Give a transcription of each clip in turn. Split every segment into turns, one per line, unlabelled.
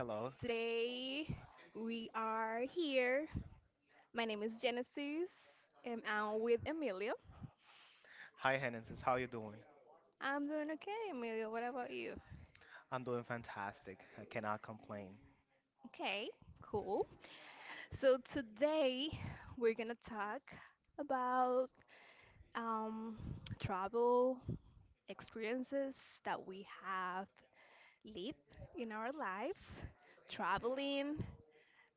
Hello.
Today we are here. My name is Genesis and I'm with Emilio.
Hi, Hennesis. How you doing?
I'm doing okay, Emilio. What about you?
I'm doing fantastic. I cannot complain.
Okay, cool. So today we're gonna talk about um, travel experiences that we have lived in our lives, traveling,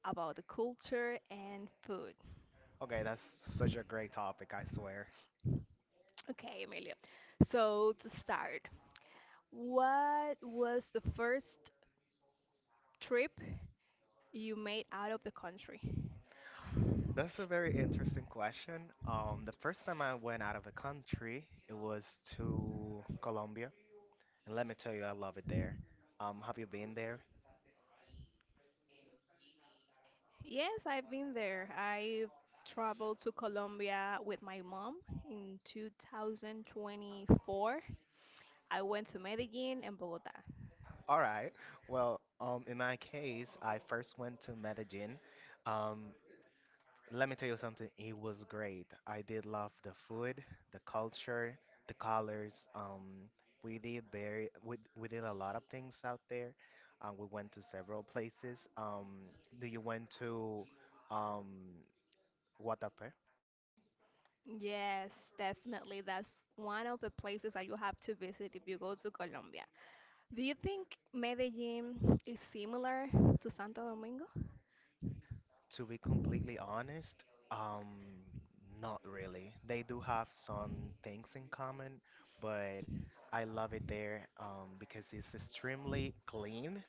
about the culture and food.
Okay, that's such a great topic, I swear.
Okay, Emilia. So to start, what was the first trip you made out of the country?
That's a very interesting question. The first time I went out of the country, it was to Colombia, and let me tell you, I love it there. Have you been there?
Yes, I've been there. I traveled to Colombia with my mom in 2024. I went to Medellin and Bogota.
All right. Well, in my case, I first went to Medellin. Um, Let me tell you something. It was great. I did love the food, the culture, the colors. We did a lot of things out there. We went to several places. Do you went to um, Guatapé?
Yes, definitely. That's one of the places that you have to visit if you go to Colombia. Do you think Medellin is similar to Santo Domingo?
To be completely honest, um, not really. They do have some things in common, but I love it there because it's extremely clean.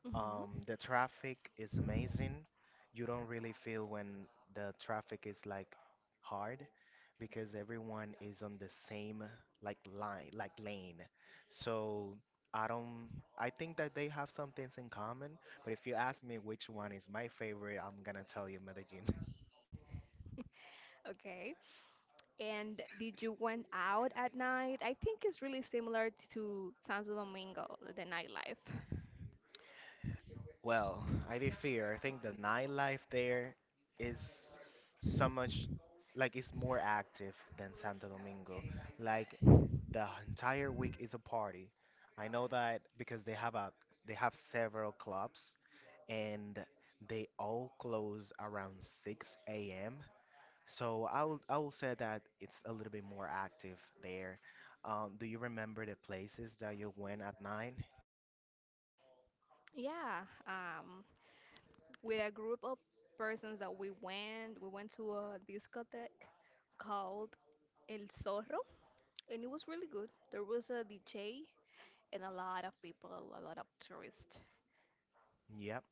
Hmm.
The traffic is amazing. You don't really feel when the traffic is like hard because everyone is on the same like line, like lane. So I don't, I think that they have some things in common, but if you ask me which one is my favorite, I'm gonna tell you Medellin.
Okay. And did you went out at night? I think it's really similar to Santo Domingo, the nightlife.
Well, I do fear. I think the nightlife there is so much like it's more active than Santo Domingo. Like the entire week is a party. I know that because they have several clubs and they all close around 6 a.m. So I will say that it's a little bit more active there. Do you remember the places that you went at nine?
Yeah, with a group of persons that we went to a discotheque called El Zorro, and it was really good. There was a DJ and a lot of people, a lot of tourists.
Yep.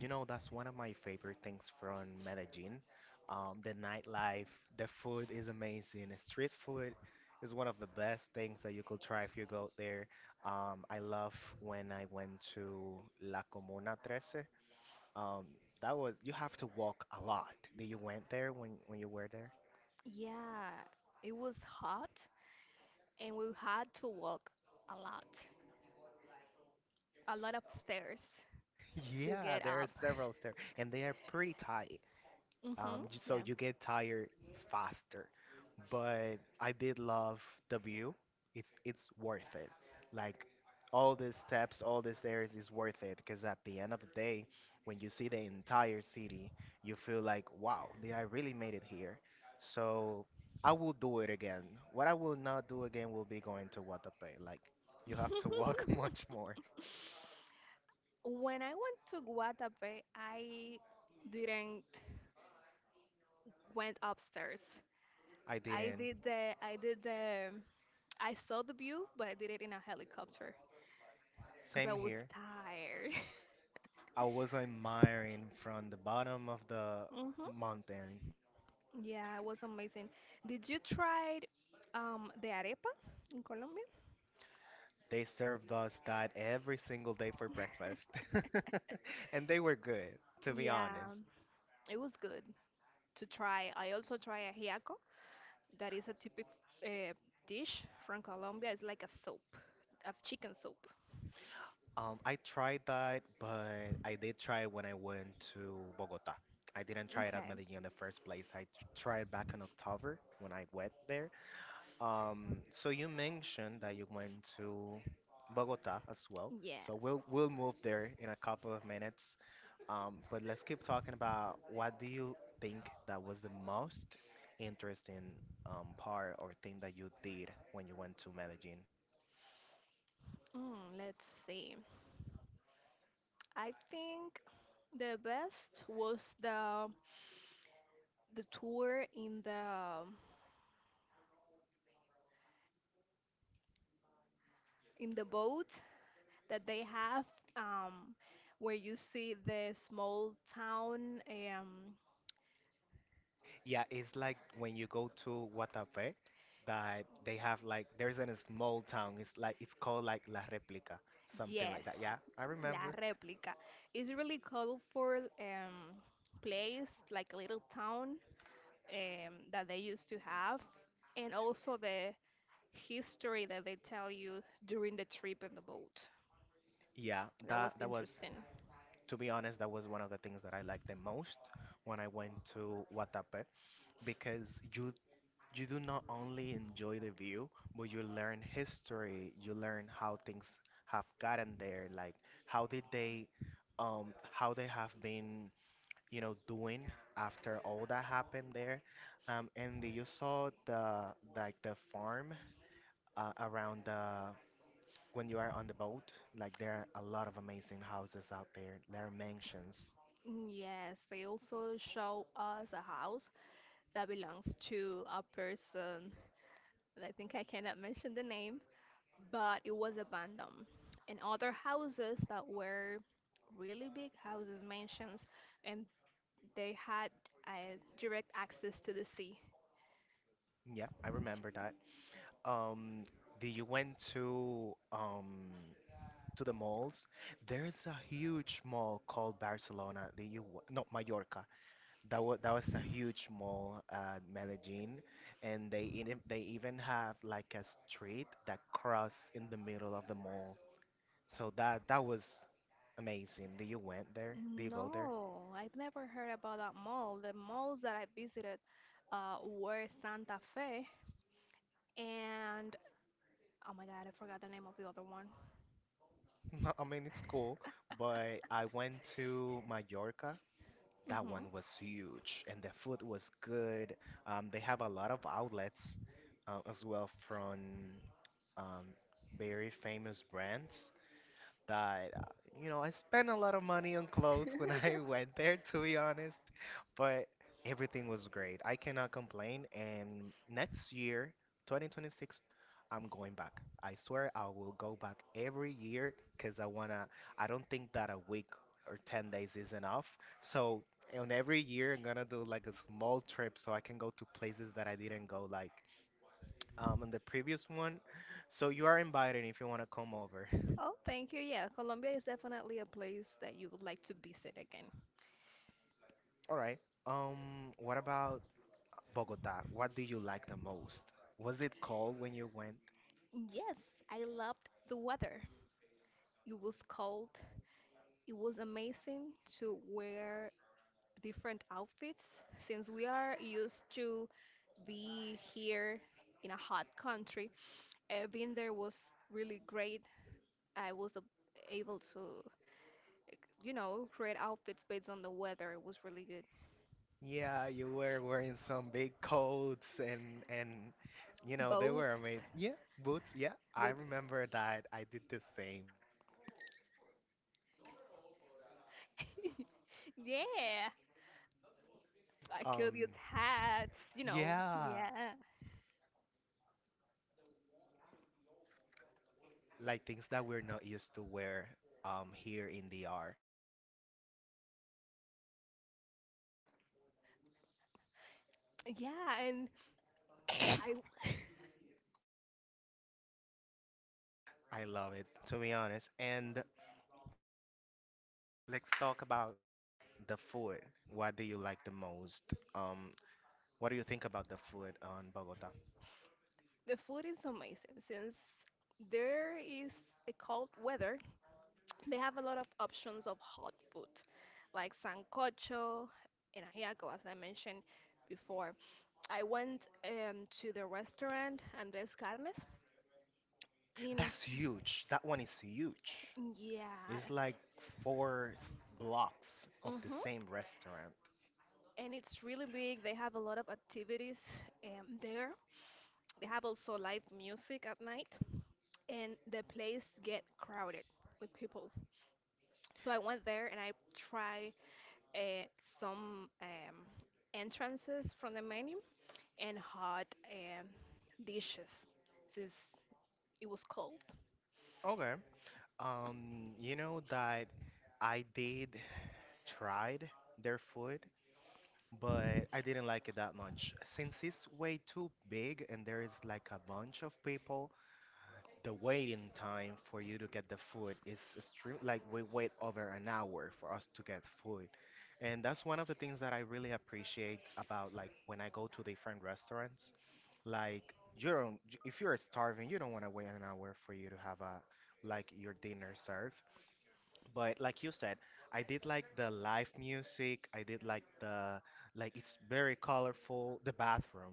You know, that's one of my favorite things from Medellin. The nightlife, the food is amazing. Street food is one of the best things that you could try if you go there. I love when I went to La Comuna 13. Um, that was, you have to walk a lot. Did you went there when you were there?
Yeah, it was hot, and we had to walk a lot, a lot of stairs to
Yeah,
get
there are
up.
several there, and they are pretty tight.
Mhm.
So you get tired faster. But I did love the view. It's worth it. Like all these steps, all these stairs is worth it because at the end of the day, when you see the entire city, you feel like, wow, did I really made it here? So I will do it again. What I will not do again will be going to Guatapé. Like you have to walk much more.
When I went to Guatapé, I didn't went upstairs.
I
I
didn't.
did the I did the I saw the view, but I did it in a helicopter because I
Same
was
here.
tired.
I was admiring from the bottom of the
Mhm.
mountain.
Yeah, it was amazing. Did you try the arepa in Colombia?
They served us that every single day for breakfast. And they were good, to be
Yeah,
honest.
it was good to try. I also tried ajiaco, that is a typical uh, dish from Colombia. It's like a soup, a chicken soup.
I tried that, but I did try it when I went to Bogota. I didn't try it at
Okay.
Medellin in the first place. I tried back in October when I went there. So you mentioned that you went to Bogota as well.
Yes.
So we'll move there in a couple of minutes. But let's keep talking about what do you think that was the most interesting part or thing that you did when you went to Medellin?
Let's see. I think the best was the tour in the boat that they have um where you see the small town. um
Yeah, it's like when you go to Guatapé, that they have like there's in a small town. It's like it's called like La Replica, something
yes
like that. Yeah, I
La
remember.
Replica. It's really colorful place, like a little town that they used to have, and also the history that they tell you during the trip in the boat.
Yeah,
That was
that that was
interesting.
to be honest, that was one of the things that I liked the most when I went to Guatapé because you you do not only enjoy the view, but you learn history, you learn how things have gotten there, like how did they how they have been, you know, doing after all that happened there. And you saw the the farm around the when you are on the boat, like there are a lot of amazing houses out there. There are mansions.
Yes, they also show us a house that belongs to a person. And I think I cannot mention the name, but it was abandoned. And other houses that were really big houses, mansions, and they had direct access to the sea.
Yeah, I remember that. Um, did you went to the malls? There's a huge mall called Barcelona, the you not Mallorca. That was a huge mall at Medellin, and they even have like a street that cross in the middle of the mall. So that was amazing. Did you went there? Did you go there?
No, I've never heard about that mall. The malls that I visited were Santa Fe and oh my God, I forgot the name of the other one.
I mean, it's cool, but I went to Mallorca. That
Hmm.
one was huge, and the food was good. They have a lot of outlets as well from um, very famous brands that you know I spent a lot of money on clothes when I went there, to be honest, but everything was great. I cannot complain, and next year, 2026, I'm going back. I swear I will go back every year cuz I don't think that a week or 10 days is enough. So on every year I'm gonna do like a small trip so I can go to places that I didn't go like in the previous one. So you are invited if you wanna come over.
Oh, thank you. Yeah, Colombia is definitely a place that you would like to visit again.
All right. What about Bogota? What do you like the most? Was it cold when you went?
Yes, I loved the weather. It was cold. It was amazing to wear different outfits since we are used to be here in a hot country. Being there was really great. I was able to, like, you know, create outfits based on the weather. It was really good.
Yeah, you were wearing some big coats and you know, they
Both,
were amazing. Yeah, boots. Yeah, I
but
remember that. I did the same.
yeah, I killed your
Um,
hats.
yeah,
Yeah,
like things that we're not used to wear here in the R.
yeah, and I.
I love it, to be honest. And let's talk about the food. What do you like the most? Um, what do you think about the food on Bogota?
The food is amazing since there is a cold weather. They have a lot of options of hot food, like sancocho and ajiaco, as I mentioned before. I went to the restaurant Andres Carnes. in
That's huge. That one is huge. It's
yeah,
like blocks of the
mhm,
same restaurant.
and it's really big. They have a lot of activities there. They have also live music at night, and the place get crowded with people. So I went there and I try uh, some entrances from the menu and hot um, dishes since it was cold.
Okay. You know that I did tried their food, but I didn't like it that much. Since it's way too big and there is like a bunch of people, the waiting time for you to get the food is extreme, like we wait over an hour for us to get food, and that's one of the things that I really appreciate about like when I go to different restaurants, like you don't j- if you're starving you don't want to wait an hour for you to have a like your dinner served. But like you said, I did like the live music, I did like the like it's very colorful, the bathroom,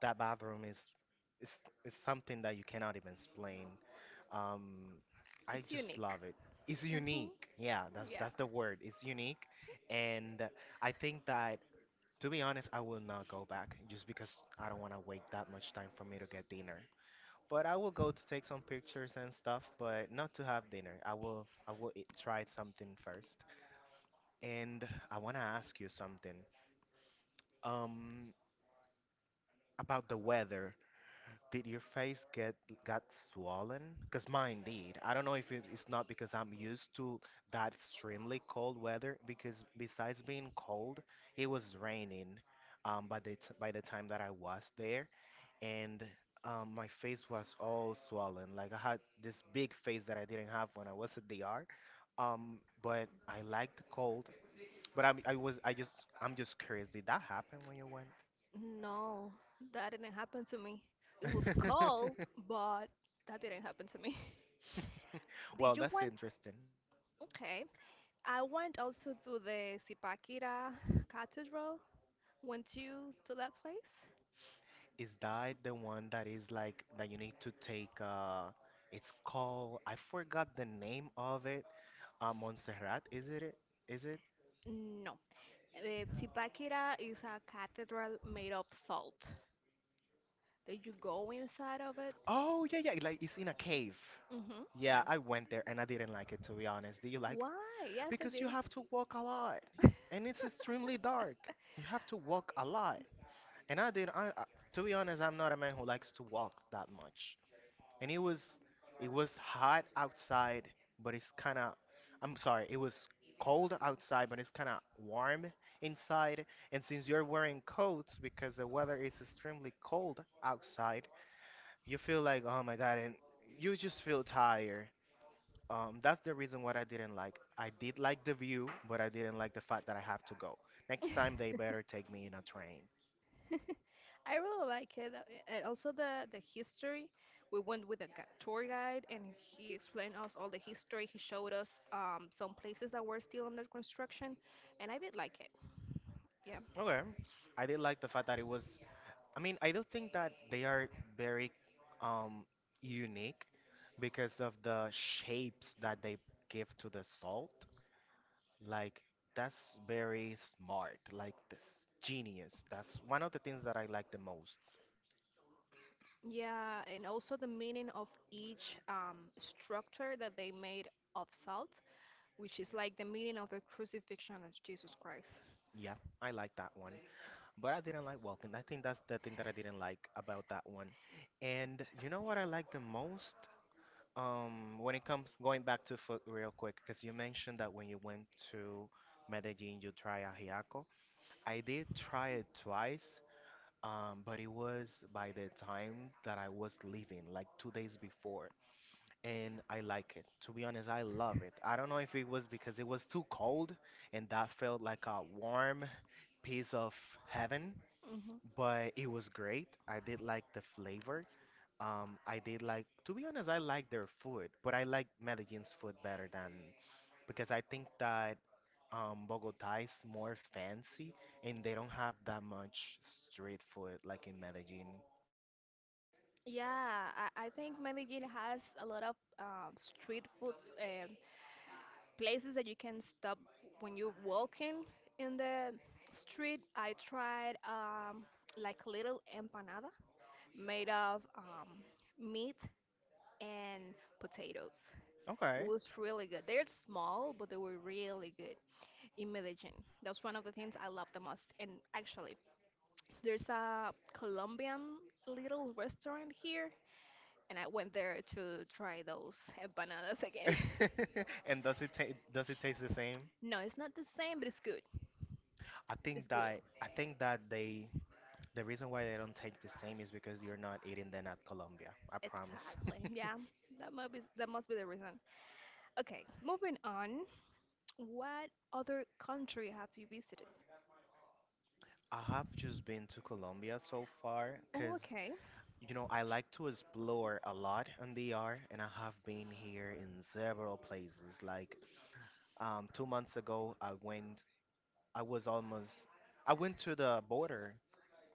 that bathroom is is is something that you cannot even explain. Um, I
It's
just
unique.
love it. It's
Hmm.
unique. Yeah,
Yeah.
that's the word. It's unique, and I think that to be honest, I will not go back just because I don't want to wait that much time for me to get dinner. But I will go to take some pictures and stuff, but not to have dinner. I will eat, try something first. And I want to ask you something um about the weather. Did your face get Got swollen? Because mine did. I don't know if it's not because I'm used to that extremely cold weather. Because besides being cold, it was raining. By the time that I was there, and my face was all swollen. Like I had this big face that I didn't have when I was at the DR. But I liked the cold. I just I'm just curious. Did that happen when you
No, that didn't happen to me. It was
went?
cold, but that didn't happen to me.
Well,
Did you
that's
want?
interesting.
Okay. I went also to the Zipaquira Cathedral. Went you to that place?
Is that the one that is like that you need to take it's called I forgot the name of it. Montserrat, is it it? Is it?
No. The Zipaquira is a cathedral made of salt. Did you go inside of it?
Oh yeah, yeah, like it's in a cave.
Mm-hmm.
Yeah,
Yeah.
I went there and I didn't like it, to be honest. Do you like?
Why? Yes, I
Because you
did.
have to walk a lot and it's extremely dark. You have to walk a lot. And I did I, to be honest, I'm not a man who likes to walk that much. And it was hot outside but it's kind of I'm sorry it was cold outside but it's kind of warm inside, and since you're wearing coats because the weather is extremely cold outside, you feel like, oh my god, and you just feel tired. That's the reason what I didn't like. I did like the view but I didn't like the fact that I have to go. Next time they better take me in a train.
I really like it. Also, the history. We went with a tour guide, and he explained us all the history. He showed us some places that were still under construction, and I did like it. Yeah,
Okay, I did like the fact that it was I mean, I don't think that they are very um, unique because of the shapes that they give to the salt. Like, that's very smart. Like, this, genius. That's one of the things that I like the most.
yeah, and also the meaning of each structure that they made of salt, which is like the meaning of the crucifixion of Jesus Christ.
Yeah, I like that one. But I didn't like walking. I think that's the thing that I didn't like about that one. And you know what I like the most? When it comes going back to food real quick, because you mentioned that when you went to Medellin, you try ajiaco. I did try it twice, but it was by the time that I was leaving, like 2 days before, and I like it. To be honest, I love it. I don't know if it was because it was too cold and that felt like a warm piece of heaven, but it was great. I did like the flavor. I did like, to be honest, I like their food, but I like Medellin's food better than because I think that Bogota is more fancy and they don't have that much street food like in Medellin.
Yeah, I think Medellin has a lot of street food um places that you can stop when you're walking in the street. I tried like little empanada made of meat and potatoes. It
Okay.
was really good. They're small, but they were really good in Medellin. That's one of the things I love the most. And actually, there's a Colombian little restaurant here and I went there to try those empanadas again.
And does it taste the same?
No, it's not the same, but it's good. It's good.
I think that the reason why they don't taste the same is because you're not eating them at Colombia. I
Exactly.
promise.
Exactly. Yeah, that must be the reason. Okay, moving on. What other country have you visited?
I have just been to Colombia so far
Oh,
because
okay.
you know, I like to explore a lot in the ER, and I have been here in several places. Like 2 months ago, I went. I was almost. I went to the border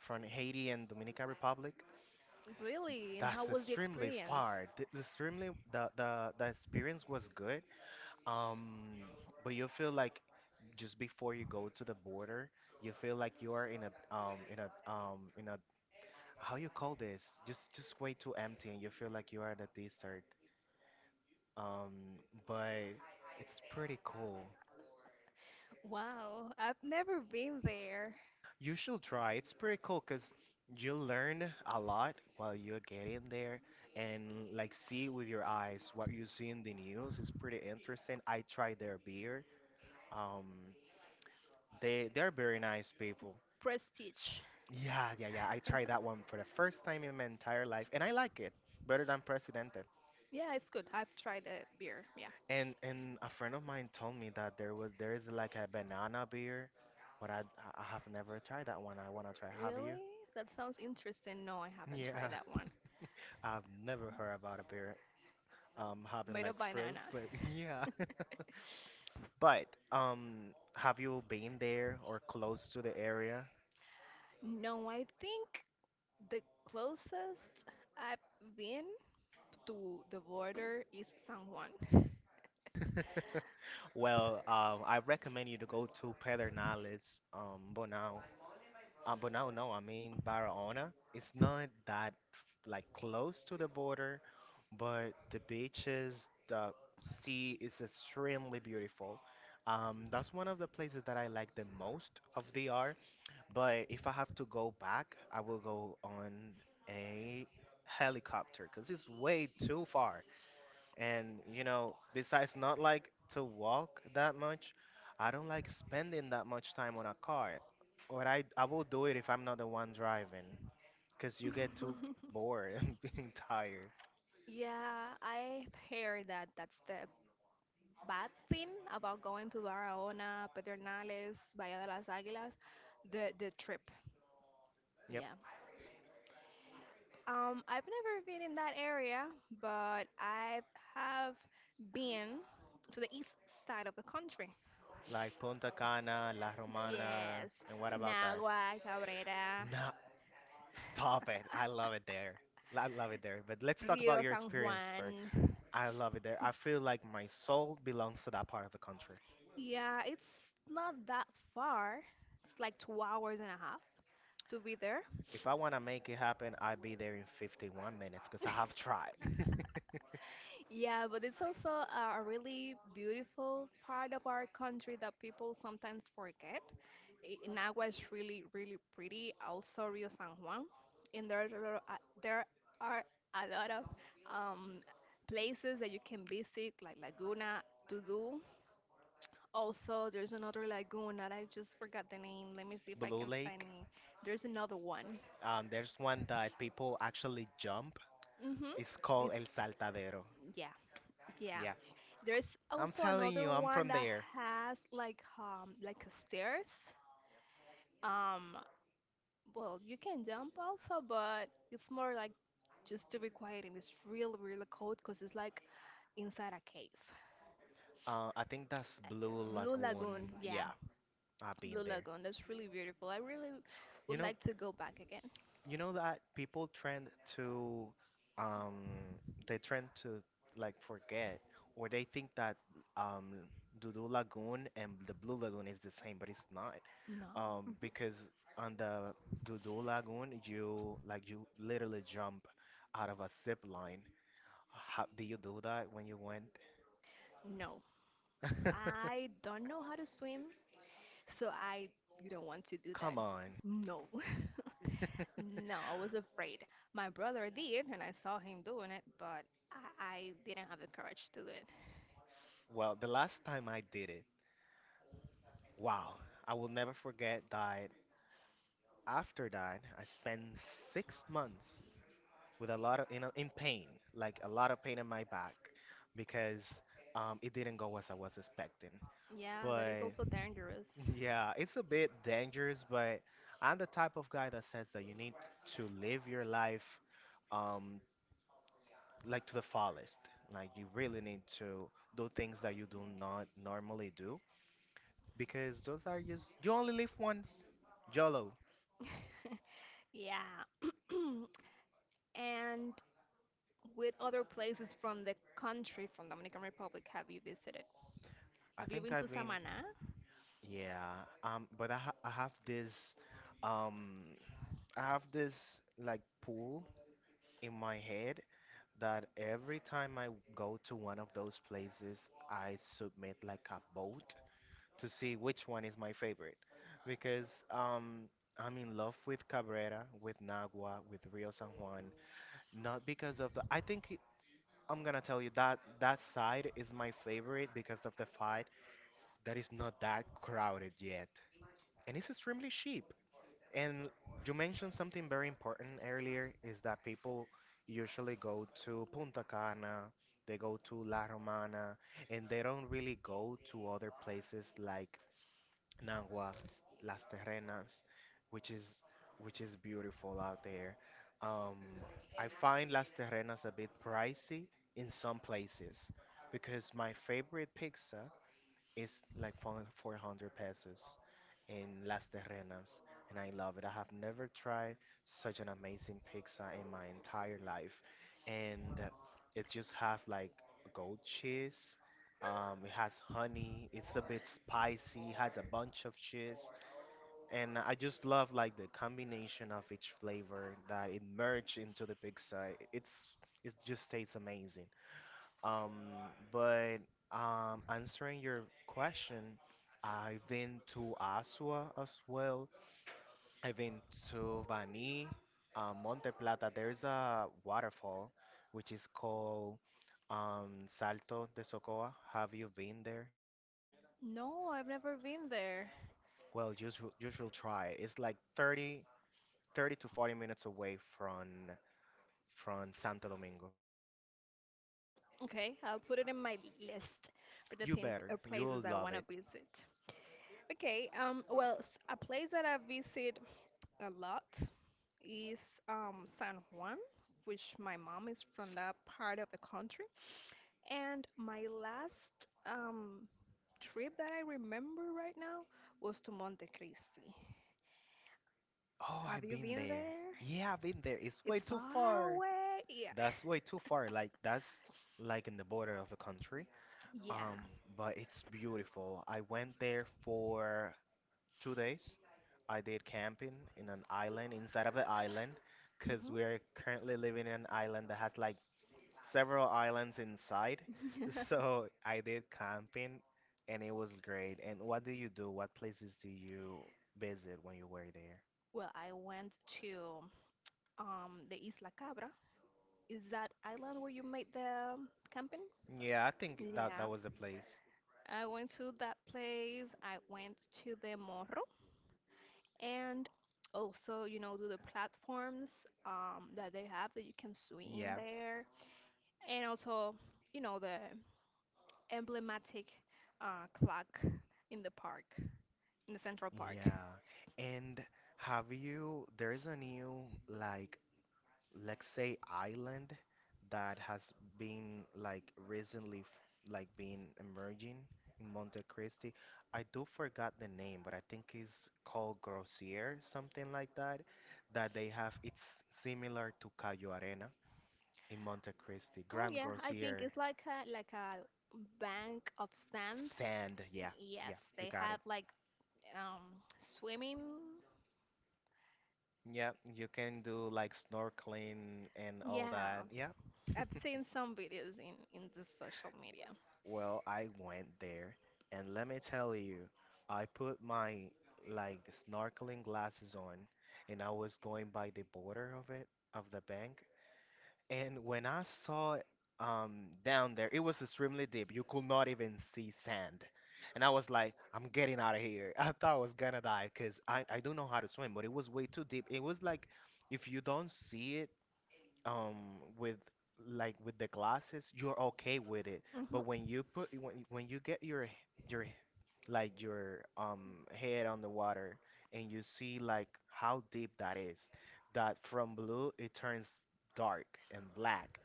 from Haiti and Dominican Republic.
Really? And how
That's
was the
extremely
experience?
far. The, the experience was good. Um, but you feel like just before you go to the border, you feel like you are in a how you call this? Just way too empty, and you feel like you are in a desert, um, but it's pretty cool.
Wow, I've never been there.
You should try. It's pretty cool because you learn a lot while you're getting there and like see with your eyes what you see in the news is pretty interesting. I tried their beer. Um, they're very nice people.
Prestige.
Yeah, yeah, yeah, I tried that one for the first time in my entire life and I like it better than Presidente.
Yeah, it's good. I've tried the beer. Yeah.
And a friend of mine told me that there is like a banana beer, but I have never tried that one. I wanna try. Have you?
Really? That sounds interesting. No, I haven't
Yeah,
tried that one.
I've never heard about a beer having
Made
like
of
fruit
banana.
flavor. Yeah. But have you been there or close to the area?
No, I think the closest I've been to the border is San Juan.
Well, I recommend you to go to Pedernales, Bonao. But no, no, I mean Barahona. It's not that like close to the border, but the beaches, the sea is extremely beautiful. That's one of the places that I like the most of DR. But if I have to go back, I will go on a helicopter because it's way too far. And you know, besides not like to walk that much, I don't like spending that much time on a car. Or I will do it if I'm not the one driving, 'cause you get too bored and being tired.
Yeah, I heard that that's the bad thing about going to Barahona, Pedernales, Bahía de las Águilas, the trip.
Yep.
Yeah. I've never been in that area, but I have been to the east side of the country.
Like Punta Cana, La Romana,
Yes,
and what about that?
Nagua, Cabrera,
Nah, stop it. I love it there. I love it there. But let's talk about
Rio
your
San
experience first.
Juan.
I love it there. I feel like my soul belongs to that part of the country.
Yeah, it's not that far. It's like 2 hours and a half to be there.
If I want to make it happen, I'd be there in 51 minutes because I have tried.
Yeah, but it's also a really beautiful part of our country that people sometimes forget. Nagua is really, really pretty. Also, Rio San Juan. And there are a lot of um, places that you can visit, like Laguna, Tudu. Also, there's another lagoon that I just forgot the name. Let me see if I
Blue
can find
Lake,
it. There's another one.
there's one that people actually jump.
Mm-hmm.
It's called
It's,
El Saltadero.
yeah, yeah.
Yeah.
There's
I'm
also
telling
another
you, I'm
one
from
that
there.
has like a stairs. Um, well, you can jump also, but it's more like just to be quiet and it's real, real cold because it's like inside a cave.
I think that's Blue
Blue
Lagoon.
Lagoon, yeah,
Yeah, I've been
Blue
there.
Lagoon. That's really beautiful. I really
You
would
know,
like to go back again.
you know that people trend to, um, they trend to like forget, or they think that um, Dudu Lagoon and the Blue Lagoon is the same, but it's not.
No. Mhm.
Because on the Dudu Lagoon, you literally jump out of a zip line. How do you do that when you went?
No, I don't know how to swim, so I don't want to do that.
Come on.
No. No, I was afraid. My brother did, and I saw him doing it, but I didn't have the courage to do it.
Well, the last time I did it, wow, I will never forget that. After that, I spent 6 months with a lot of in pain, like a lot of pain in my back, because it didn't go as I was expecting.
Yeah, that is
But
also dangerous.
yeah, it's a bit dangerous, but I'm the type of guy that says that you need to live your life um like to the fullest. Like you really need to do things that you do not normally do because those are just you only live once. YOLO.
Yeah. And with other places from the country, from Dominican Republic, have you visited?
I
Have you
think
been to
I've been,
Samaná?
yeah, but um I have this like pool in my head that every time I go to one of those places, I submit like a vote to see which one is my favorite. Because I'm in love with Cabrera, with Nagua, with Rio San Juan, not because of the. I think it- I'm gonna tell you that that side is my favorite because of the fight that is not that crowded yet. And it's extremely cheap. And you mentioned something very important earlier is that people usually go to Punta Cana, they go to La Romana, and they don't really go to other places like Naguas, Las Terrenas, which is which is beautiful out there. Um, I find Las Terrenas a bit pricey in some places because my favorite pizza it's like 400 pesos in Las Terrenas, and I love it. I have never tried such an amazing pizza in my entire life, and it just have like goat cheese. It has honey. It's a bit spicy. It has a bunch of cheese, and I just love like the combination of each flavor that it merged into the pizza. It's it just tastes amazing. Um, but answering your question, I've been to Asua as well. I've been to Bani, Monte Plata. There's a waterfall which is called, Salto de Socoa. Have you been there?
No, I've never been there.
Well, you should try it. It's like 30 to 40 minutes away from Santo Domingo.
Okay, I'll put it in my list for the
You
things or
better. You'll
places I
love
want to
it.
visit. Okay, well, a place that I visit a lot is San Juan, which my mom is from that part of the country. And my last trip that I remember right now was to Monte Cristi.
Oh,
Have
I've
you
been
been
there.
there?
Yeah, I've been there. It's way
It's
too
far
far.
away. Yeah.
That's way too far. Like that's like in the border of a country.
Yeah.
Um, but it's beautiful. I went there for 2 days. I did camping in an island inside of the island, because we're currently living in an island that has like several islands inside.
Mhm.
So I did camping, and it was great. And what do you do? What places do you visit when you were there?
Well, I went to the Isla Cabra. Is that island where you made the camping?
Yeah, I think that
Yeah,
that was the place.
I went to that place. I went to the Morro and also, to the platforms that they have that you can swim
Yeah.
there, and also, the emblematic clock in the park, in the Central Park.
Yeah. And have you, there is a new, like, let's say island that has been, like, recently, like, been emerging in Monte Cristi. I do forgot the name, but I think it's called Grossier, something like that, that they have, it's similar to Cayo Arena in Monte Cristi.
Oh
Grand
yeah, I think
Grossier
it's like a bank of sand.
sand. Yeah.
Yes,
Yeah. You
they
got
have
it.
like um, swimming.
Yeah, you can do like snorkeling and all
Yeah,
that. Yeah.
I've seen some videos in the social media.
Well, I went there, and let me tell you, I put my like snorkeling glasses on, and I was going by the border of it, of the bank. And when I saw down there, it was extremely deep. You could not even see sand. And I was like, I'm getting out of here. I thought I was gonna die because I don't know how to swim, but it was way too deep. It was like if you don't see it, with like with the glasses you're okay with it, but
Hmm.
when you get your your h- like your head on the water and you see like how deep that is, that from blue it turns dark and black,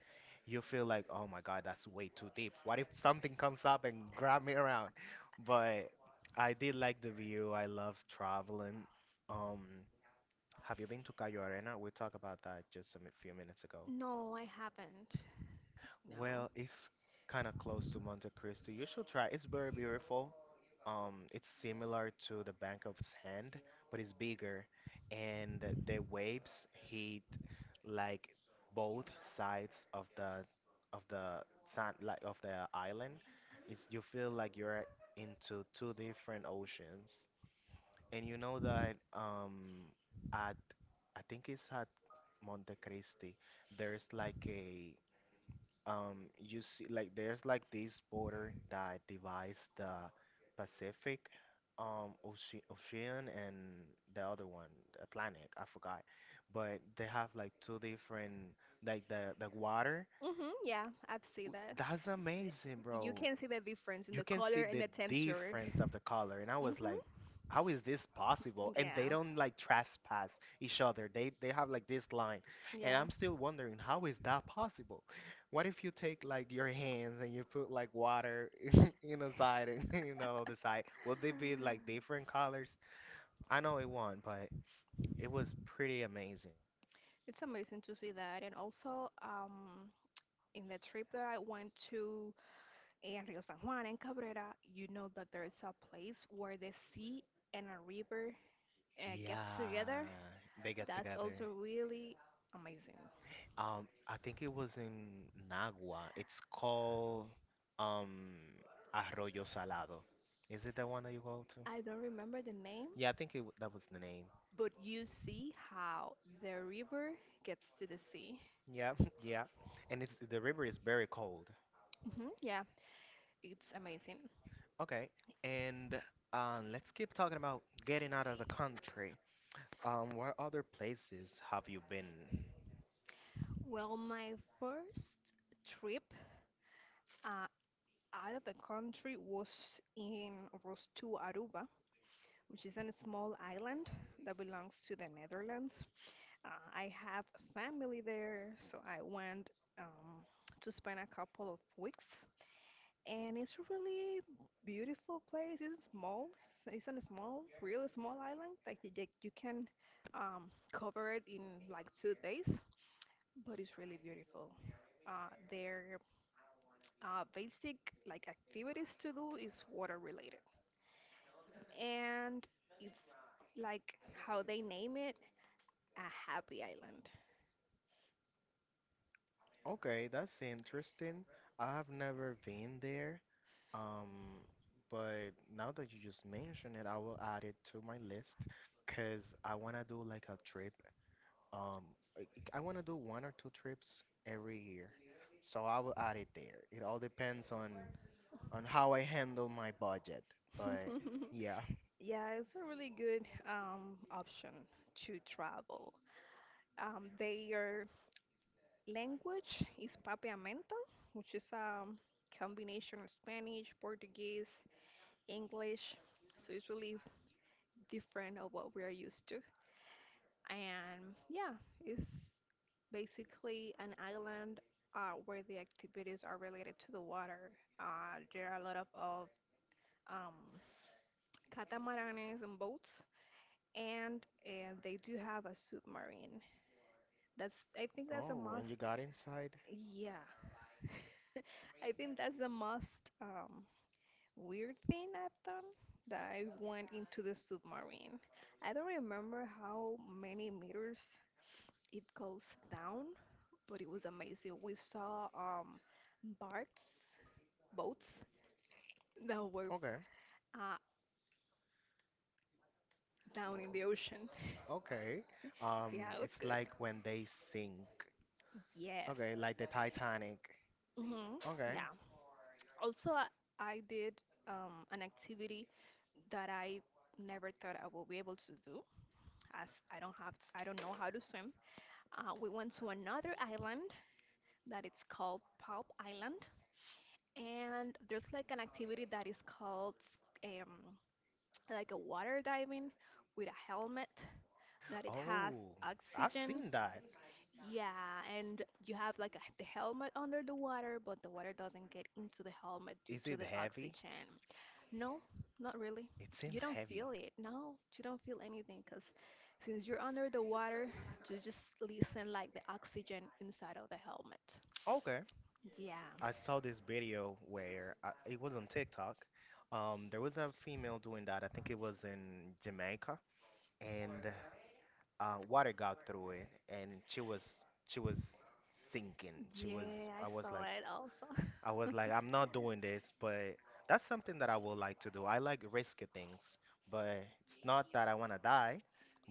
you feel like, oh my god, that's way too deep. What if something comes up and grab me around? But I did like the view. I love traveling. um have you been to Cayo Arena? We talked about that just a few minutes ago.
No, I haven't. No.
Well, it's kind of close to Monte Cristo. You should try. It's very beautiful. It's similar to the Bank of Sand, but it's bigger, and the waves hit like both sides of the sand, like of the island. It's you feel like you're into two different oceans, and you know that, at I think it's at Monte Cristi. There's like a you see like there's like this border that divides the Pacific ocean and the other one Atlantic I forgot, but they have like two different like the water.
Hmm, yeah, I've seen
W-
that.
that's amazing,
You
bro.
can see the difference in
You
the
can
color
see
and
the
the temperature.
difference of the color. And I was like,
Hmm.
how is this possible? And they
Yeah.
don't like trespass each other. They have like this line. And
Yeah.
I'm still wondering, how is that possible? What if you take like your hands and you put like water in a side and you know the side? Will they be like different colors? I know it won, but it was pretty amazing.
It's amazing to see that. And also, in the trip that I went to in Rio San Juan and Cabrera, you know that there is a place where the sea and a river gets
Yeah,
together.
they got
That's also
together.
really amazing.
I think it was in Nagua. It's called um Arroyo Salado. Is it that one that you go to?
I don't remember the name,
Yeah, I think it, that was the name.
but you see how the river gets to the sea.
Yeah, yeah. And it's the river is very cold.
Hmm, yeah, it's amazing.
Okay, and let's keep talking about getting out of the country. What other places have you been?
Well, my first trip uh, out of the country was in was to Aruba, which is a small island that belongs to the Netherlands. Uh, I have family there, so I went um, to spend a couple of weeks. And it's a really beautiful place. It's small. It's a small, really small island. Like you can cover it in like 2 days, but it's really beautiful. Their basic like activities to do is water related, and it's like how they name it, a happy island.
Okay, that's interesting. I have never been there. Um, but now that you just mentioned it, I will add it to my list because I want to do like a trip. Um, I, I want to do one or two trips every year. So I will add it there. It all depends on how I handle my budget. But yeah.
Yeah, it's a really good option to travel. Their language is Papiamento, which is a combination of Spanish, Portuguese, English. So it's really different of what we are used to. And yeah, it's basically an island where the activities are related to the water. There are a lot of um, catamaranes and boats and they do have a submarine. That's I think that's a
Oh, and you
must.
got inside?
Yeah, I think that's the most weird thing I've done, that I went into the submarine. I don't remember how many meters it goes down, but it was amazing. We saw barks, boats that were
Okay.
uh, down in the ocean.
Okay.
Yeah, it was
It's
good.
like when they sink.
Yes.
Okay, like the Titanic.
Hmm.
Okay.
Yeah. Also, I did an activity that I never thought I would be able to do, as I don't have, I don't know how to swim. We went to another island that it's called Palm Island, and there's like an activity that is called, um, like a water diving with a helmet that it has
Oh, I've
oxygen.
seen that.
Yeah, and you have like a, the helmet under the water, but the water doesn't get into the helmet due
Is
to
it
the
heavy?
oxygen. No, not really.
It
You
seems
don't feel
heavy.
it. No, you don't feel anything because since you're under the water, just listen like the oxygen inside of the helmet.
Okay.
Yeah.
I saw this video where it was on TikTok. There was a female doing that. I think it was in Jamaica, and water got through it, and she was sinking. She was.
Yeah, I
I was
saw
like,
it also.
I was like, I'm not doing this, but that's something that I would like to do. I like risky things, but it's not that I want to die,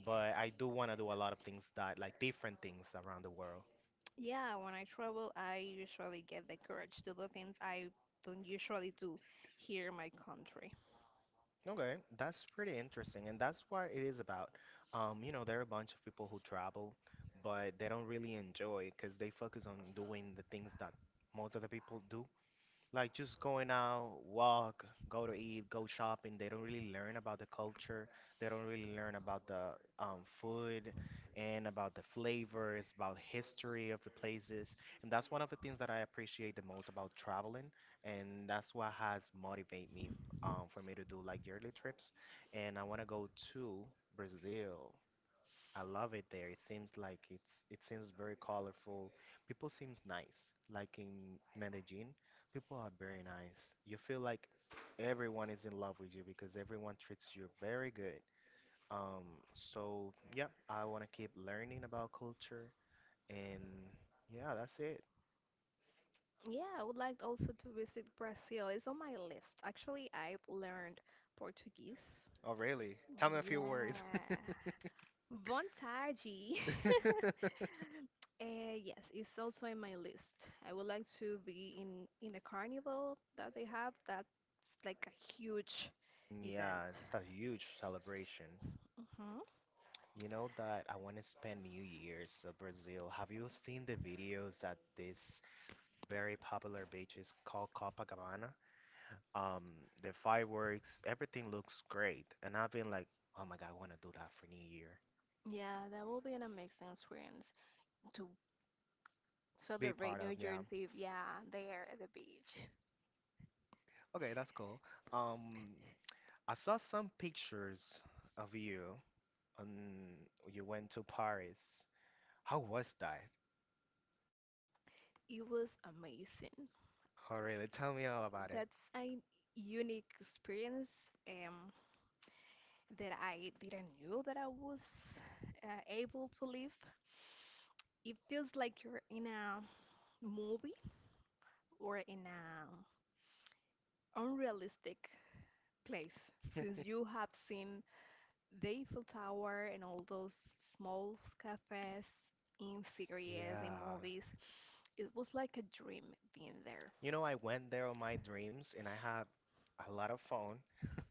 but I do want to do a lot of things that, like different things around the world.
Yeah, when I travel, I usually get the courage to do things I don't usually do here in my country.
Okay, that's pretty interesting, and that's what it is about. You know, there are a bunch of people who travel, but they don't really enjoy because they focus on doing the things that most other people do, like just going out, walk, go to eat, go shopping. They don't really learn about the culture. They don't really learn about the food and about the flavors, about history of the places. And that's one of the things that I appreciate the most about traveling. And that's what has motivated me, for me to do like yearly trips. And I want to go to Brazil. I love it there. It seems like it seems very colorful. People seems nice. Like in Medellin, people are very nice. You feel like everyone is in love with you because everyone treats you very good. Um, so yeah, I want to keep learning about culture and yeah, that's it.
Yeah, I would like also to visit Brazil. It's on my list. Actually, I've learned Portuguese.
Oh, really? Tell me a few words.
Yeah. Vontade. Yes, it's also in my list. I would like to be in the carnival that they have. That's like a huge
Yeah, it's
event.
just a huge celebration.
Hmm.
You know that I want to spend New Year's in Brazil. Have you seen the videos at this very popular beach is called Copacabana? Um, the fireworks, everything looks great. And I've been like, oh my God, I want to do that for New Year.
Yeah, that will be an amazing experience to
Be
celebrate
part of,
New
yeah.
Year's Eve. Yeah, there at the beach.
Okay, that's cool. Um, I saw some pictures of you on you went to Paris. How was that?
It was amazing.
Oh, really? Tell me all about
That's a unique experience, um, that I didn't knew that I was able to live. It feels like you're in a movie or in a unrealistic place, since
it.
you have seen the Eiffel Tower and all those small cafes in series, in
Yeah.
movies. It was like a dream being there.
You know, I went there on my dreams and I had a lot of fun.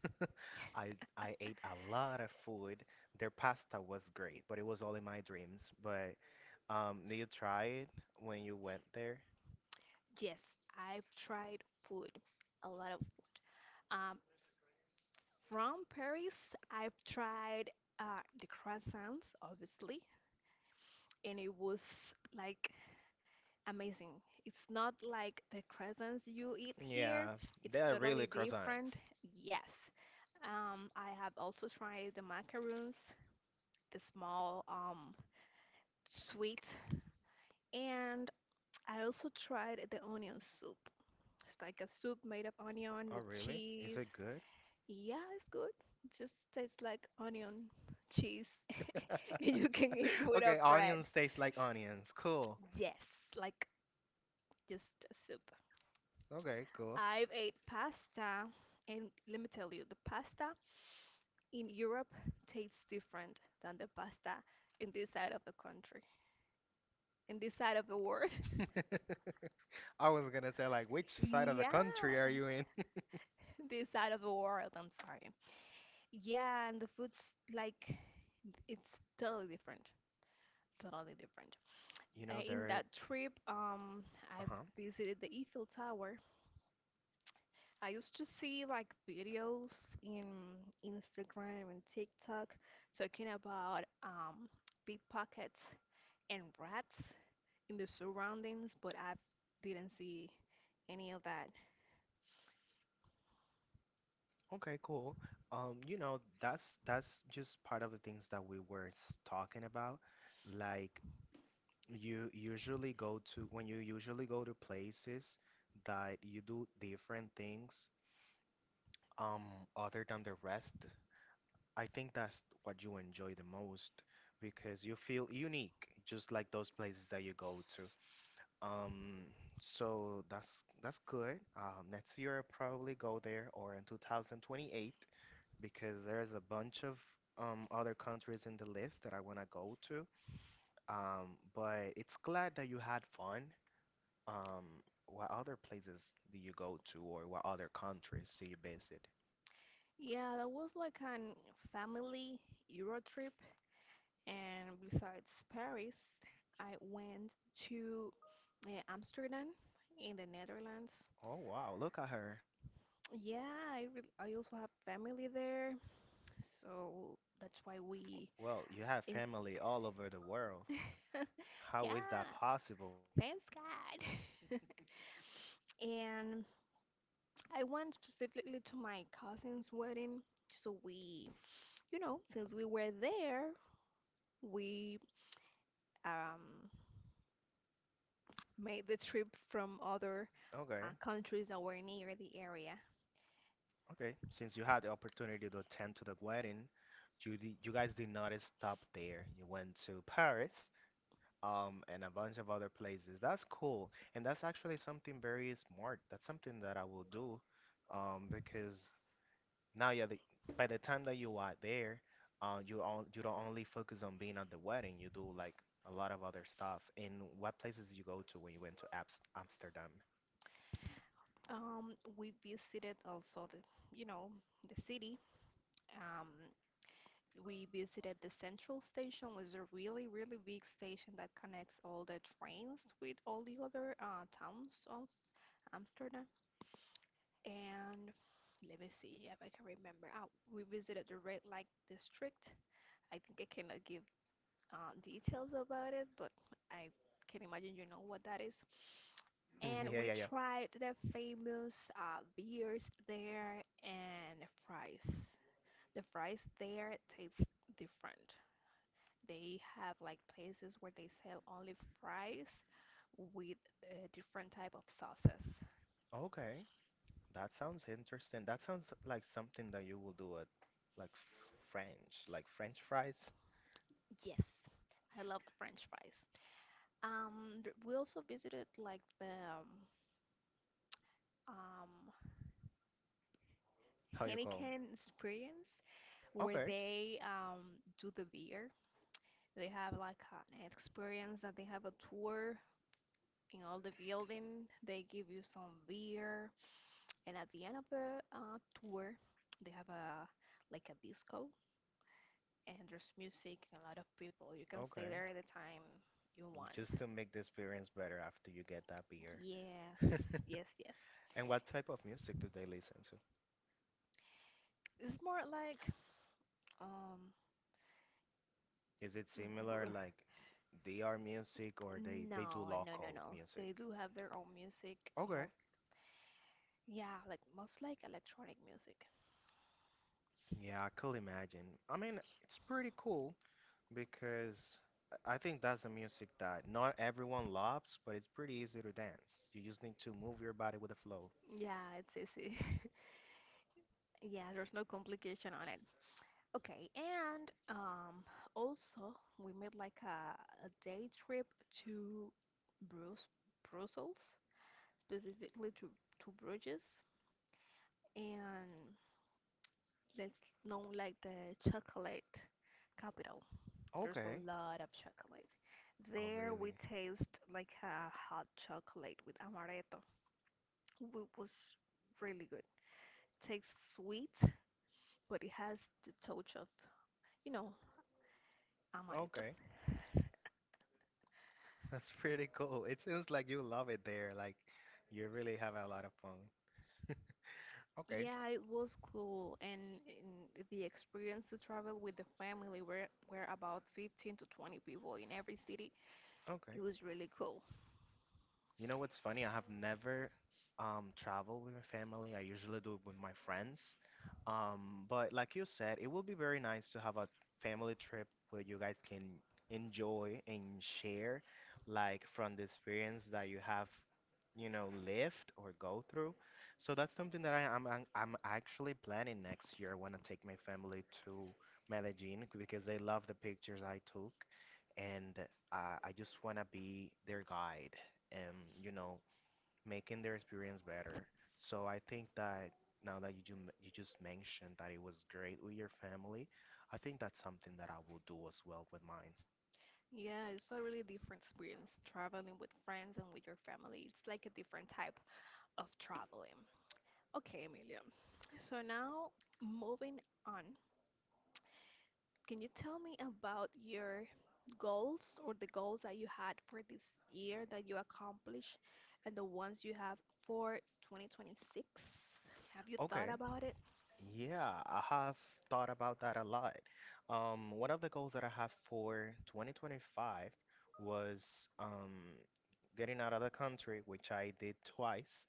I ate a lot of food. Their pasta was great, but it was all in my dreams. But did you try it when you went there?
Yes, I've tried food, a lot of. Um, from Paris, I've tried the croissants, obviously, and it was like amazing. It's not like the crescents you eat here.
Yeah,
It's
they are
totally
really
different.
croissants.
Yes. I have also tried the macaroons, the small sweet, and I also tried the onion soup. It's like a soup made of onion
Oh,
with
really? Is
cheese.
it good?
Yeah, it's good. It just tastes like onion cheese. And you can eat it with a
Okay,
bread.
onions taste like onions. Cool.
Yes, like just a soup.
Okay, cool.
I've ate pasta, and let me tell you, the pasta in Europe tastes different than the pasta in this side of the country, in this side of the world.
I was gonna say like, which side of the
Yeah,
country are you in?
this side of the world, I'm sorry. Yeah, and the food's like it's totally different. Totally different.
You know,
In
there.
that trip, I
Uh-huh.
visited the Eiffel Tower. I used to see like videos in Instagram and TikTok talking about, pickpockets and rats in the surroundings, but I didn't see any of that.
Okay, cool. You know, that's just part of the things that we were talking about. Like you usually go to when you usually go to places that you do different things, other than the rest. I think that's what you enjoy the most because you feel unique, just like those places that you go to. Um, so that's good. Next year I'll probably go there or in 2028, because there's a bunch of other countries in the list that I want to go to. But it's glad that you had fun. Um, what other places do you go to, or what other countries do you base it?
Yeah, that was like an family Euro trip, and besides Paris, I went to Amsterdam in the Netherlands.
Oh, wow, look at her.
Yeah, I also have family there. So that's why we
Well, you have
in-
family all over the world. How is
yeah,
that possible?
thanks God. And I went specifically to my cousin's wedding. So we, you know, since we were there, we, um, made the trip from other
Okay,
countries that were near the area.
okay. Since you had the opportunity to attend to the wedding, you guys did not stop there. You went to Paris, and a bunch of other places. That's cool, and that's actually something very smart. That's something that I will do, because now by the time that you are there, you don't only focus on being at the wedding. You do like a lot of other stuff. And what places you go to when you went to Abs Amsterdam?
We visited also the, you know, the city. Um, We visited the central station, which is a really, really big station that connects all the trains with all the other towns of Amsterdam. And let me see if I can remember. Oh, we visited the Red Light District. I think I cannot give details about it, but I can imagine you know what that is. And
Yeah,
we
yeah, yeah.
tried the famous beers there and fries. The fries there taste different. They have like places where they sell only fries with different type of sauces.
Okay, that sounds interesting. That sounds like something that you will do at like French, like French fries.
Yes, I love French fries. We also visited like the, um,
How you call
Heineken experience
'em?
where
Okay,
they do the beer. They have like an experience that they have a tour in all the building. They give you some beer, and at the end of the tour, they have a like a disco and there's music and a lot of people. You can stay
okay.
there anytime you
Just
want.
to make the experience better after you get that beer.
Yes, yes, yes.
And what type of music do they listen to?
It's more like, um
Is it
r-
similar
like
like DR music or they do
no, no, no,
local
no.
music?
They do have their own music,
Okay.
most yeah, like most like electronic music.
Yeah, I could imagine. I mean, it's pretty cool because I think that's the music that not everyone loves, but it's pretty easy to dance. You just need to move your body with the flow.
Yeah, it's easy. Yeah, there's no complication on it. Okay, and also we made like a day trip to Bruce, Brussels, specifically to Bruges, and let's know like the chocolate capital. There's
Okay.
a lot of chocolate.
Oh,
There we
really?
taste like a hot chocolate with amaretto. It was really good. Tastes sweet, but it has the touch of, you know, amaretto.
Okay. That's pretty cool. It seems like you love it there. Like you really have a lot of fun. Okay,
Yeah, it was cool, and the experience to travel with the family were about 15 to 20 people in every city.
okay.
It was really cool.
You know what's funny? I have never traveled with my family. I usually do it with my friends. But like you said, it will be very nice to have a family trip where you guys can enjoy and share, like from the experience that you have, you know, lived or go through. So that's something that I'm actually planning next year. I want to take my family to Medellin because they love the pictures I took, and I just want to be their guide and, you know, making their experience better. So I think that now that you just mentioned that it was great with your family, I think that's something that I will do as well with mine.
Yeah, it's a really different experience traveling with friends and with your family. It's like a different type of traveling. Okay, Emilia. So now moving on, can you tell me about your goals or the goals that you had for this year that you accomplished and the ones you have for 2026? Have you thought
Okay,
about it?
yeah, I have thought about that a lot. One of the goals that I have for 2025 was getting out of the country, which I did twice.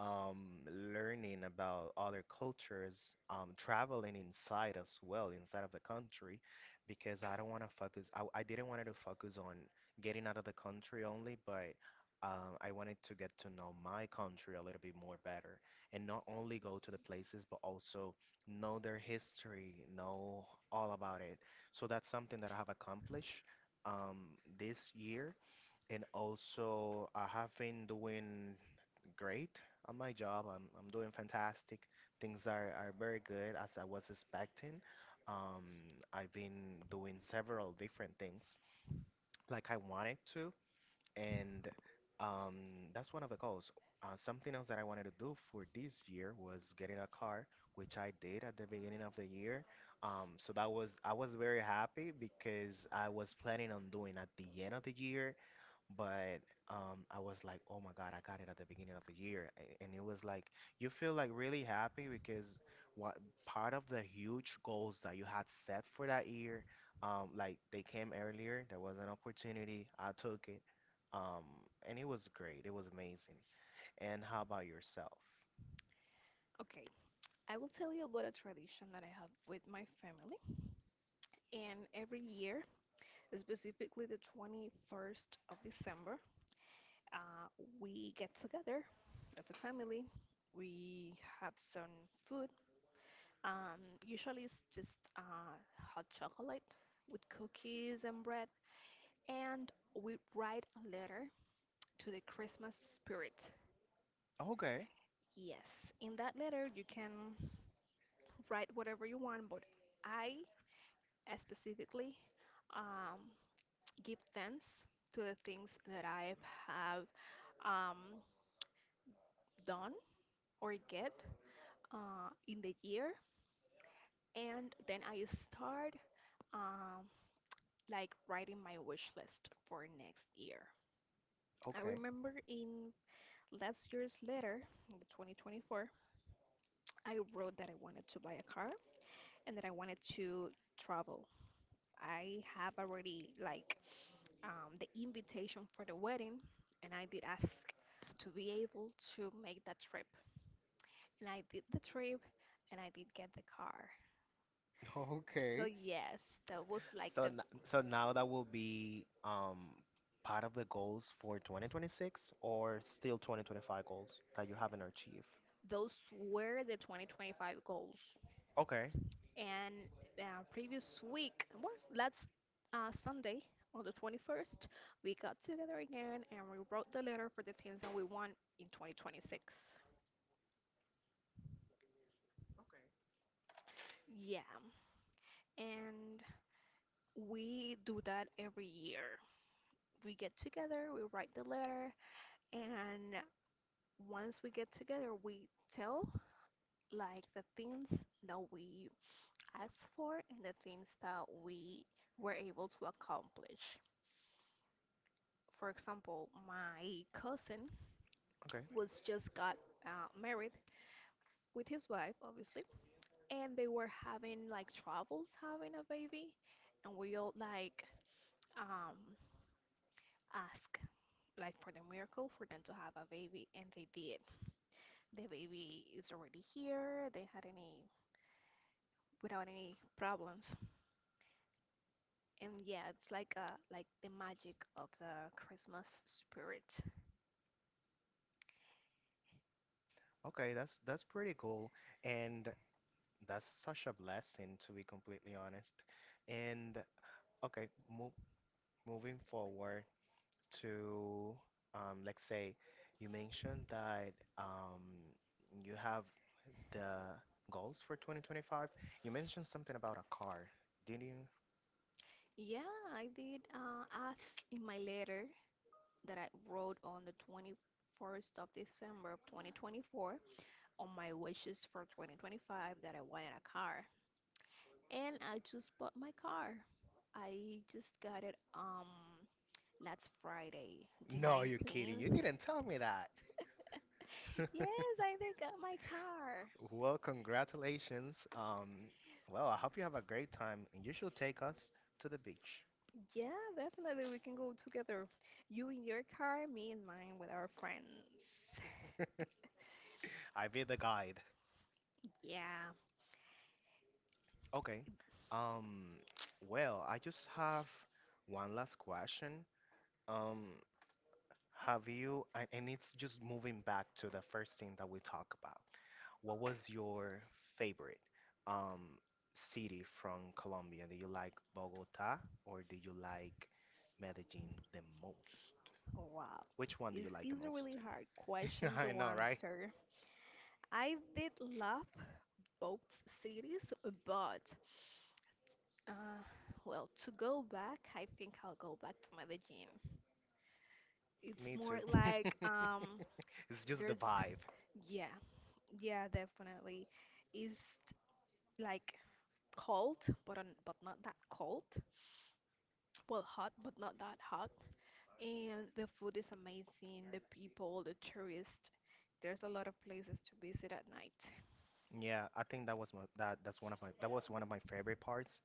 Learning about other cultures, traveling inside as well, inside of the country, because I don't want to focus. I didn't want to focus on getting out of the country only, but I wanted to get to know my country a little bit more better, and not only go to the places, but also know their history, know all about it. So that's something that I have accomplished um, this year. And also, I have been doing great on my job. I'm doing fantastic. Things are very good as I was expecting. Um, I've been doing several different things like I wanted to. And that's one of the goals. Something else that I wanted to do for this year was getting a car, which I did at the beginning of the year. So that was, I was very happy because I was planning on doing at the end of the year, but I was like, oh my God, I got it at the beginning of the year. And it was like, you feel like really happy because what part of the huge goals that you had set for that year, like they came earlier. There was an opportunity. I took it. Um, and it was great. It was amazing. And how about yourself?
Okay, I will tell you about a tradition that I have with my family. And every year, specifically the 21st of December, uh, we get together as a family. We have some food. Usually it's just hot chocolate with cookies and bread, and we write a letter to the Christmas spirit.
Okay,
Yes, in that letter you can write whatever you want, but I, specifically, um, give thanks to the things that I have, um, done or get in the year, and then I start, um, like writing my wish list for next year. I
okay,
remember in last year's letter, in the 2024, I wrote that I wanted to buy a car and that I wanted to travel. I have already like the invitation for the wedding, and I did ask to be able to make that trip. And I did the trip, and I did get the car. So
okay.
yes, that was like
So
the
so now that will be part of the goals for 2026 or still 2025 goals that you haven't achieved.
those were the 2025 goals.
Okay,
And previous week, well, last Sunday on the 21st, we got together again and we wrote the letter for the things that we want in 2026. Yeah. And we do that every year. We get together, we write the letter, and once we get together, we tell like the things that we asked for and the things that we were able to accomplish. For example, my cousin
okay,
was just got married with his wife, obviously, and they were having like troubles having a baby, and we all like um ask like for the miracle for them to have a baby, and they did. The baby is already here. They had any without any problems, and yeah, it's like the magic of the Christmas spirit.
okay. That's pretty cool, and that's such a blessing to be completely honest. And okay, mo moving forward to let's say you mentioned that you have the goals for 2025. You mentioned something about a car, didn't you?
Yeah, I did ask in my letter that I wrote on the 21st of December of 2024 on my wishes for 2025 that I wanted a car. And I just bought my car. I just got it last Friday, the
No, you're kidding. You
19th.
didn't tell me that.
Yes, I think I got my car.
Well, congratulations. Well, I hope you have a great time and you should take us to the beach.
Yeah, definitely we can go together. You in your car, me in mine with our friends.
I'll be the guide.
Yeah.
Okay. Um, well, I just have one last question. Um, have you, and it's just moving back to the first thing that we talked. What was your favorite um, city from Colombia? Do you like Bogota or do you like Medellin the most?
Wow. Which
Which
one?
one do you like the
It's a really
most?
hard question to
I know,
right?
right?
Answer. I did love both cities, but, uh, well, to go back, I think I'll go back to Medellin. It's
Me
more
too.
like,
It's just the
there's
vibe.
yeah, yeah, definitely. It's like cold, but but not that cold. Well, hot, but not that hot. And the food is amazing. The people, the tourists. There's a lot of places to visit at night.
Yeah, I think that was my that that's one of my that was one of my favorite parts,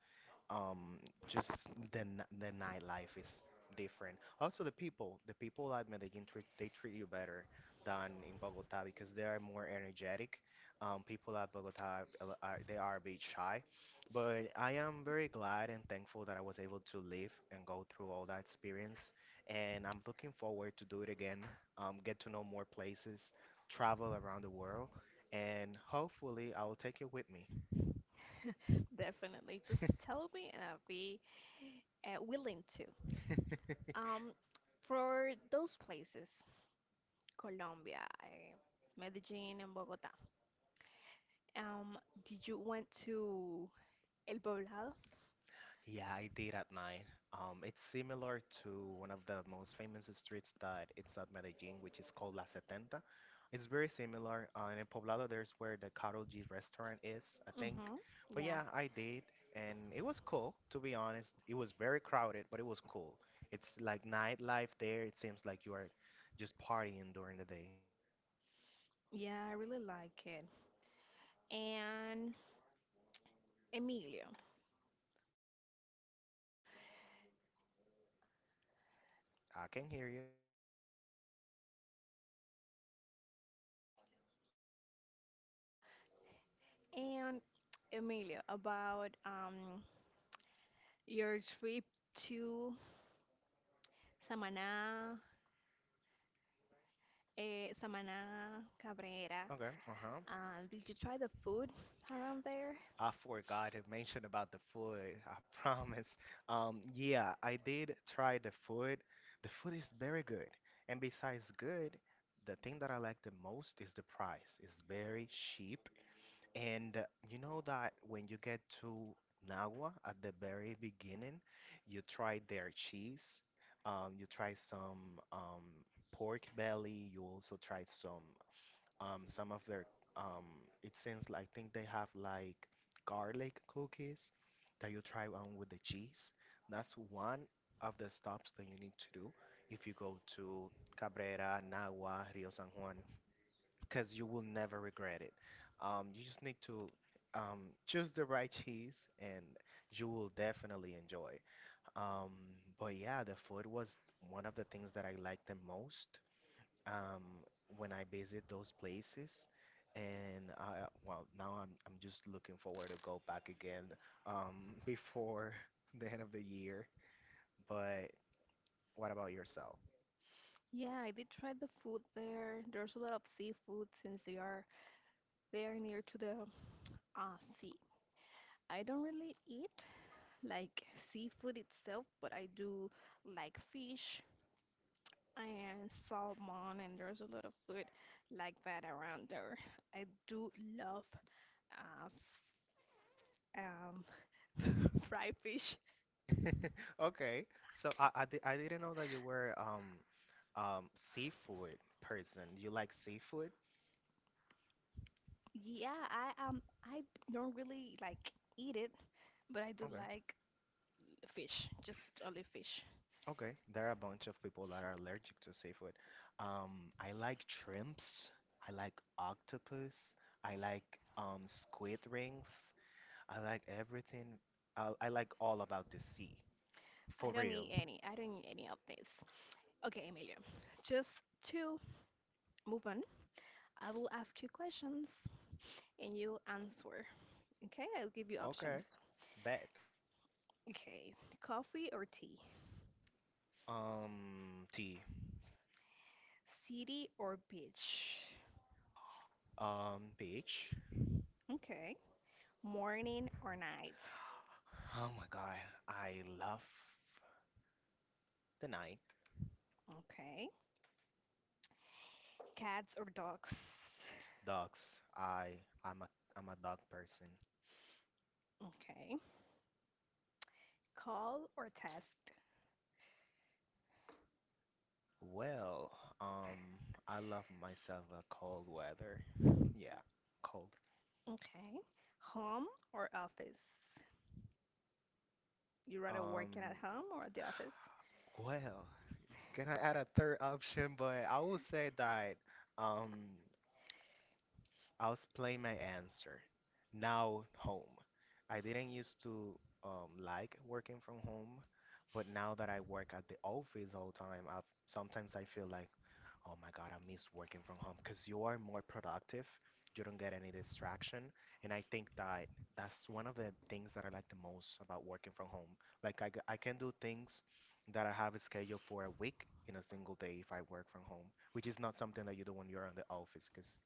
um just the nightlife is different. Also the people at Medellin treat, they treat you better than in Bogota because they are more energetic. People at Bogota they are a bit shy, but I am very glad and thankful that I was able to live and go through all that experience, and I'm looking forward to do it again. Get to know more places, travel around the world, and hopefully I will take you with me.
Definitely, just tell me, and I'll be willing to. Um, for those places, Colombia, eh, Medellin, and Bogota, um, did you went to El Poblado?
Yeah, I did at night. It's similar to one of the most famous streets that it's at Medellin, which is called La Setenta. It's very similar. And in Poblado, there's where the Carol G restaurant is, I think.
Mm-hmm.
But
Yeah.
yeah, I did, and it was cool, to be honest. It was very crowded, but it was cool. It's like nightlife there. It seems like you are just partying during the day.
Yeah, I really like it. And Emilio.
I can hear you.
And Emilio, about, your trip to Samaná, eh, Samaná, Cabrera.
Okay, uh-huh.
Did you try the food around there?
I forgot to mention about the food. I promise. Yeah, I did try the food. The food is very good. And besides good, the thing that I like the most is the price. It's very cheap. And you know that when you get to Nawa at the very beginning, you try their cheese. You try some pork belly. You also try some of their um, it seems like, I think they have like garlic cookies that you try on with the cheese. That's one of the stops that you need to do if you go to Cabrera, Nagua, Rio San Juan, because you will never regret it. You just need to choose the right cheese and you will definitely enjoy. Um, but yeah, the food was one of the things that I liked the most, um, when I visit those places. And well, now I'm just looking forward to go back again, before the end of the year. But what about yourself?
Yeah, I did try the food there. There's a lot of seafood since they are very near to the sea. I don't really eat like seafood itself, but I do like fish and salmon, and there's a lot of food like that around there. I do love, uh, f- um, fried fish.
Okay, so I didn't know that you were seafood person. You like seafood?
Yeah, I don't really like eat it, but I do
Okay,
like fish, just only fish.
okay. There are a bunch of people that are allergic to seafood. I like shrimps. I like octopus. I like um, squid rings. I like everything. I like all about the sea. For
I don't
real.
eat any. I don't eat any of this. Okay, Emilio, just to move on, I will ask you questions and you answer. Okay, I'll give you
Okay.
options.
Bet.
Okay, coffee or tea?
Tea.
City or beach?
Beach.
Okay, morning or night?
Oh my God. I love the night.
Okay, cats or dogs?
Dogs. I I'm a I'm a dog person.
Okay, call or text?
Well, um, I love myself a cold weather. Yeah, cold.
Okay. Home or office? You rather working at
Um,
home or at the office?
well, can I add a third option? But I will say that um, I'll explain my answer. Now home. I didn't used to like working from home, but now that I work at the office all the time, I sometimes I feel like, oh my God, I miss working from home because you are more productive. You don't get any distraction, and I think that that's one of the things that I like the most about working from home. Like I can do things that I have scheduled for a week in a single day if I work from home, which is not something that you do when you're in the office because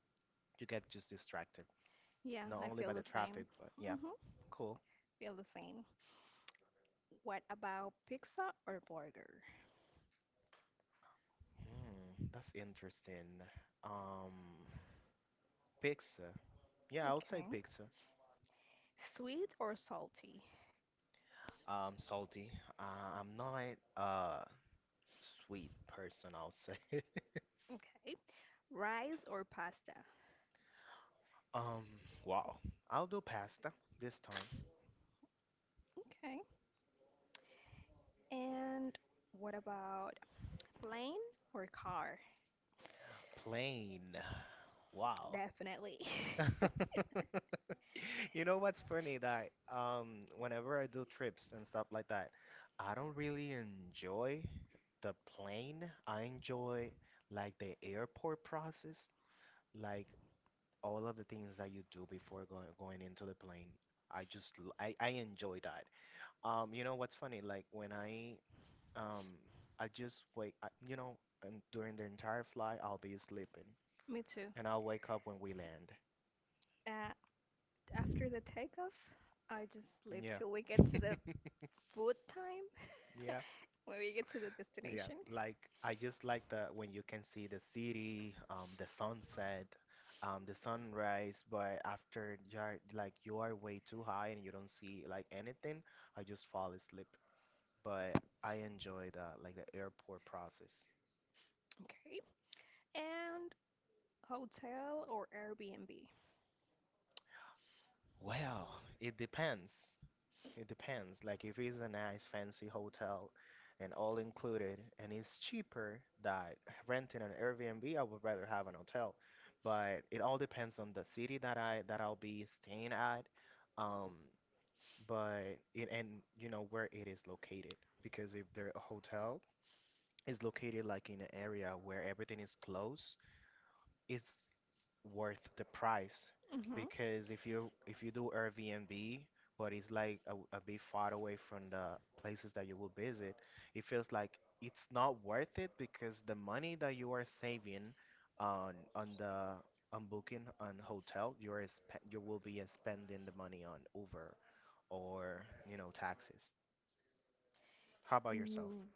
you get just distracted
Yeah,
not
I
only
feel
by
the
the
same.
traffic, but yeah,
Hmm.
cool.
Feel the same. What about pizza or burger?
Hmm, that's interesting. Um, pizza. Yeah, I would say
Okay.
pizza.
Sweet or salty?
Salty. I'm not a sweet person, I'll say.
Okay. Rice or pasta?
Um, wow. I'll do pasta this time.
Okay. And what about plane or car?
Plain. Wow.
Definitely.
You know what's funny that um, whenever I do trips and stuff like that, I don't really enjoy the plane. I enjoy like the airport process, like all of the things that you do before going into the plane. I just l- I enjoy that. You know what's funny? Like when I um, I just wake I, you know and during the entire flight I'll be sleeping
Me too.
and I'll wake up when we land.
Uh, after the takeoff, I just sleep
Yeah.
till we get to the food time
Yeah.
when we get to the
Yeah,
destination.
like I just like the when you can see the city, the sunset, the sunrise, but after you're like you are way too high and you don't see like anything, I just fall asleep. But I enjoy the like the airport process.
Okay. And hotel or Airbnb.
Well, it depends. It depends. Like if it's a nice fancy hotel and all included and it's cheaper that renting an Airbnb, I would rather have an hotel. But it all depends on the city that I'll be staying at. Um, but it and you know where it is located, because if the hotel is located like in an area where everything is close, it's worth the price,
Hmm.
because if you do Airbnb but it's like a bit far away from the places that you will visit, it feels like it's not worth it because the money that you are saving on on the on booking on hotel you are you will be spending the money on Uber or you know taxes. How about yourself?
Mm,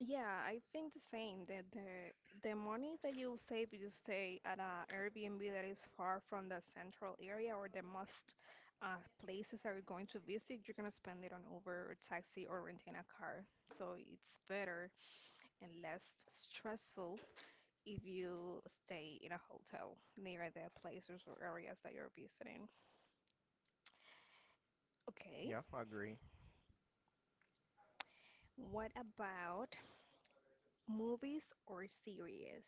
yeah, I think the same. That the money that you save if you stay at a Airbnb that is far from the central area or the most places that you're going to visit, you're gonna spend it on Uber or taxi or renting a car. So it's better and less stressful if you stay in a hotel near the places or areas that you're visiting. Okay.
Yeah, I agree.
What about movies or series?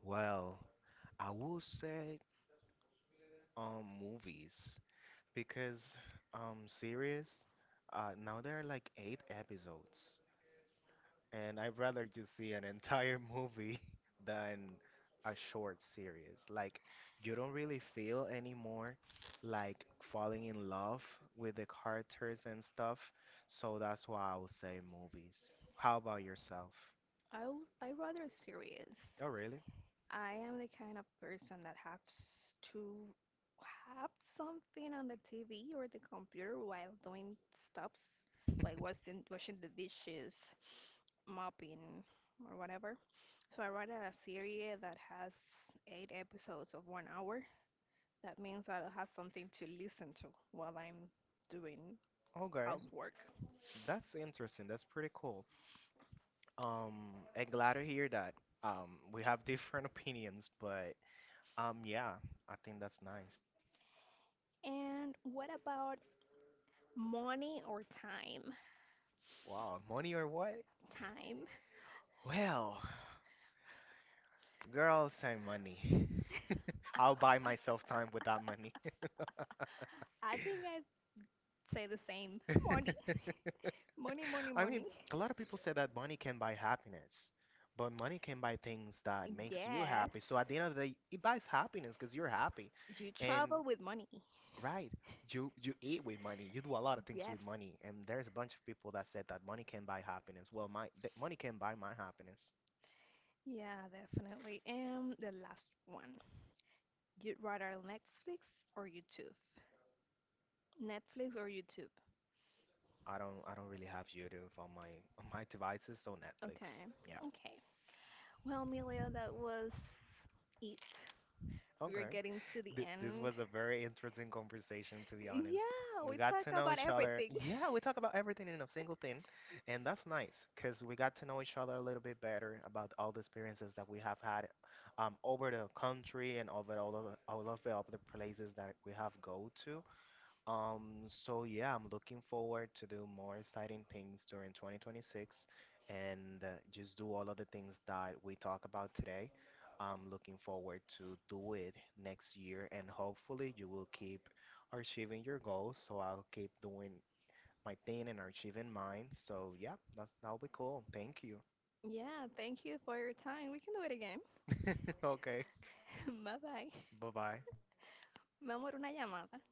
Well, I will say um, movies, because um, series, uh, now there are like eight episodes, and I'd rather you see an entire movie than a short series. Like you don't really feel anymore like falling in love with the characters and stuff. So that's why I would say movies. How about yourself?
I rather series.
Oh really?
I am the kind of person that has to have something on the TV or the computer while doing stuffs, like washing the dishes, mopping, or whatever. So I rather a series that has eight episodes of 1 hour. That means I'll have something to listen to while I'm doing
Okay.
housework.
That's interesting. That's pretty cool. And glad to hear that. We have different opinions, but um, yeah, I think that's nice.
And what about money or time?
Wow, money or what?
Time.
Well, girls and money. I'll buy myself time with that money.
I think I'd say the same. Money. Money, money,
I mean,
money.
a lot of people say that money can buy happiness, but money can buy things that makes you
Yes,
happy. So at the end of the day, it buys happiness because you're happy,
you
and
travel with money.
right, you eat with money. You do a lot of things
Yes.
with money, and there's a bunch of people that said that money can buy happiness. Well, my th money can buy my happiness.
Yeah, definitely. And the last one. You'd rather Netflix or YouTube? Netflix or YouTube?
I don't really have YouTube on my on my devices, so Netflix.
Okay.
Yeah.
Okay. Well, Emilio, that was it. We're
Okay.
getting to the
Th this
end.
was a very interesting conversation, to be honest.
Yeah,
We
we
got
talk
to know
about
each other.
everything.
Yeah, we talk about everything in a single thing, and that's nice because we got to know each other a little bit better about all the experiences that we have had, over the country and over all of the other places that we have go to. So yeah, I'm looking forward to do more exciting things during 2026 and just do all of the things that we talk about today. I'm looking forward to do it next year and hopefully you will keep achieving your goals. So I'll keep doing my thing and achieving mine. So yeah, that'll be cool. Thank you.
Yeah, thank you for your time. We can do it again.
Okay.
Bye bye.
Bye-bye.
Vamos a una llamada.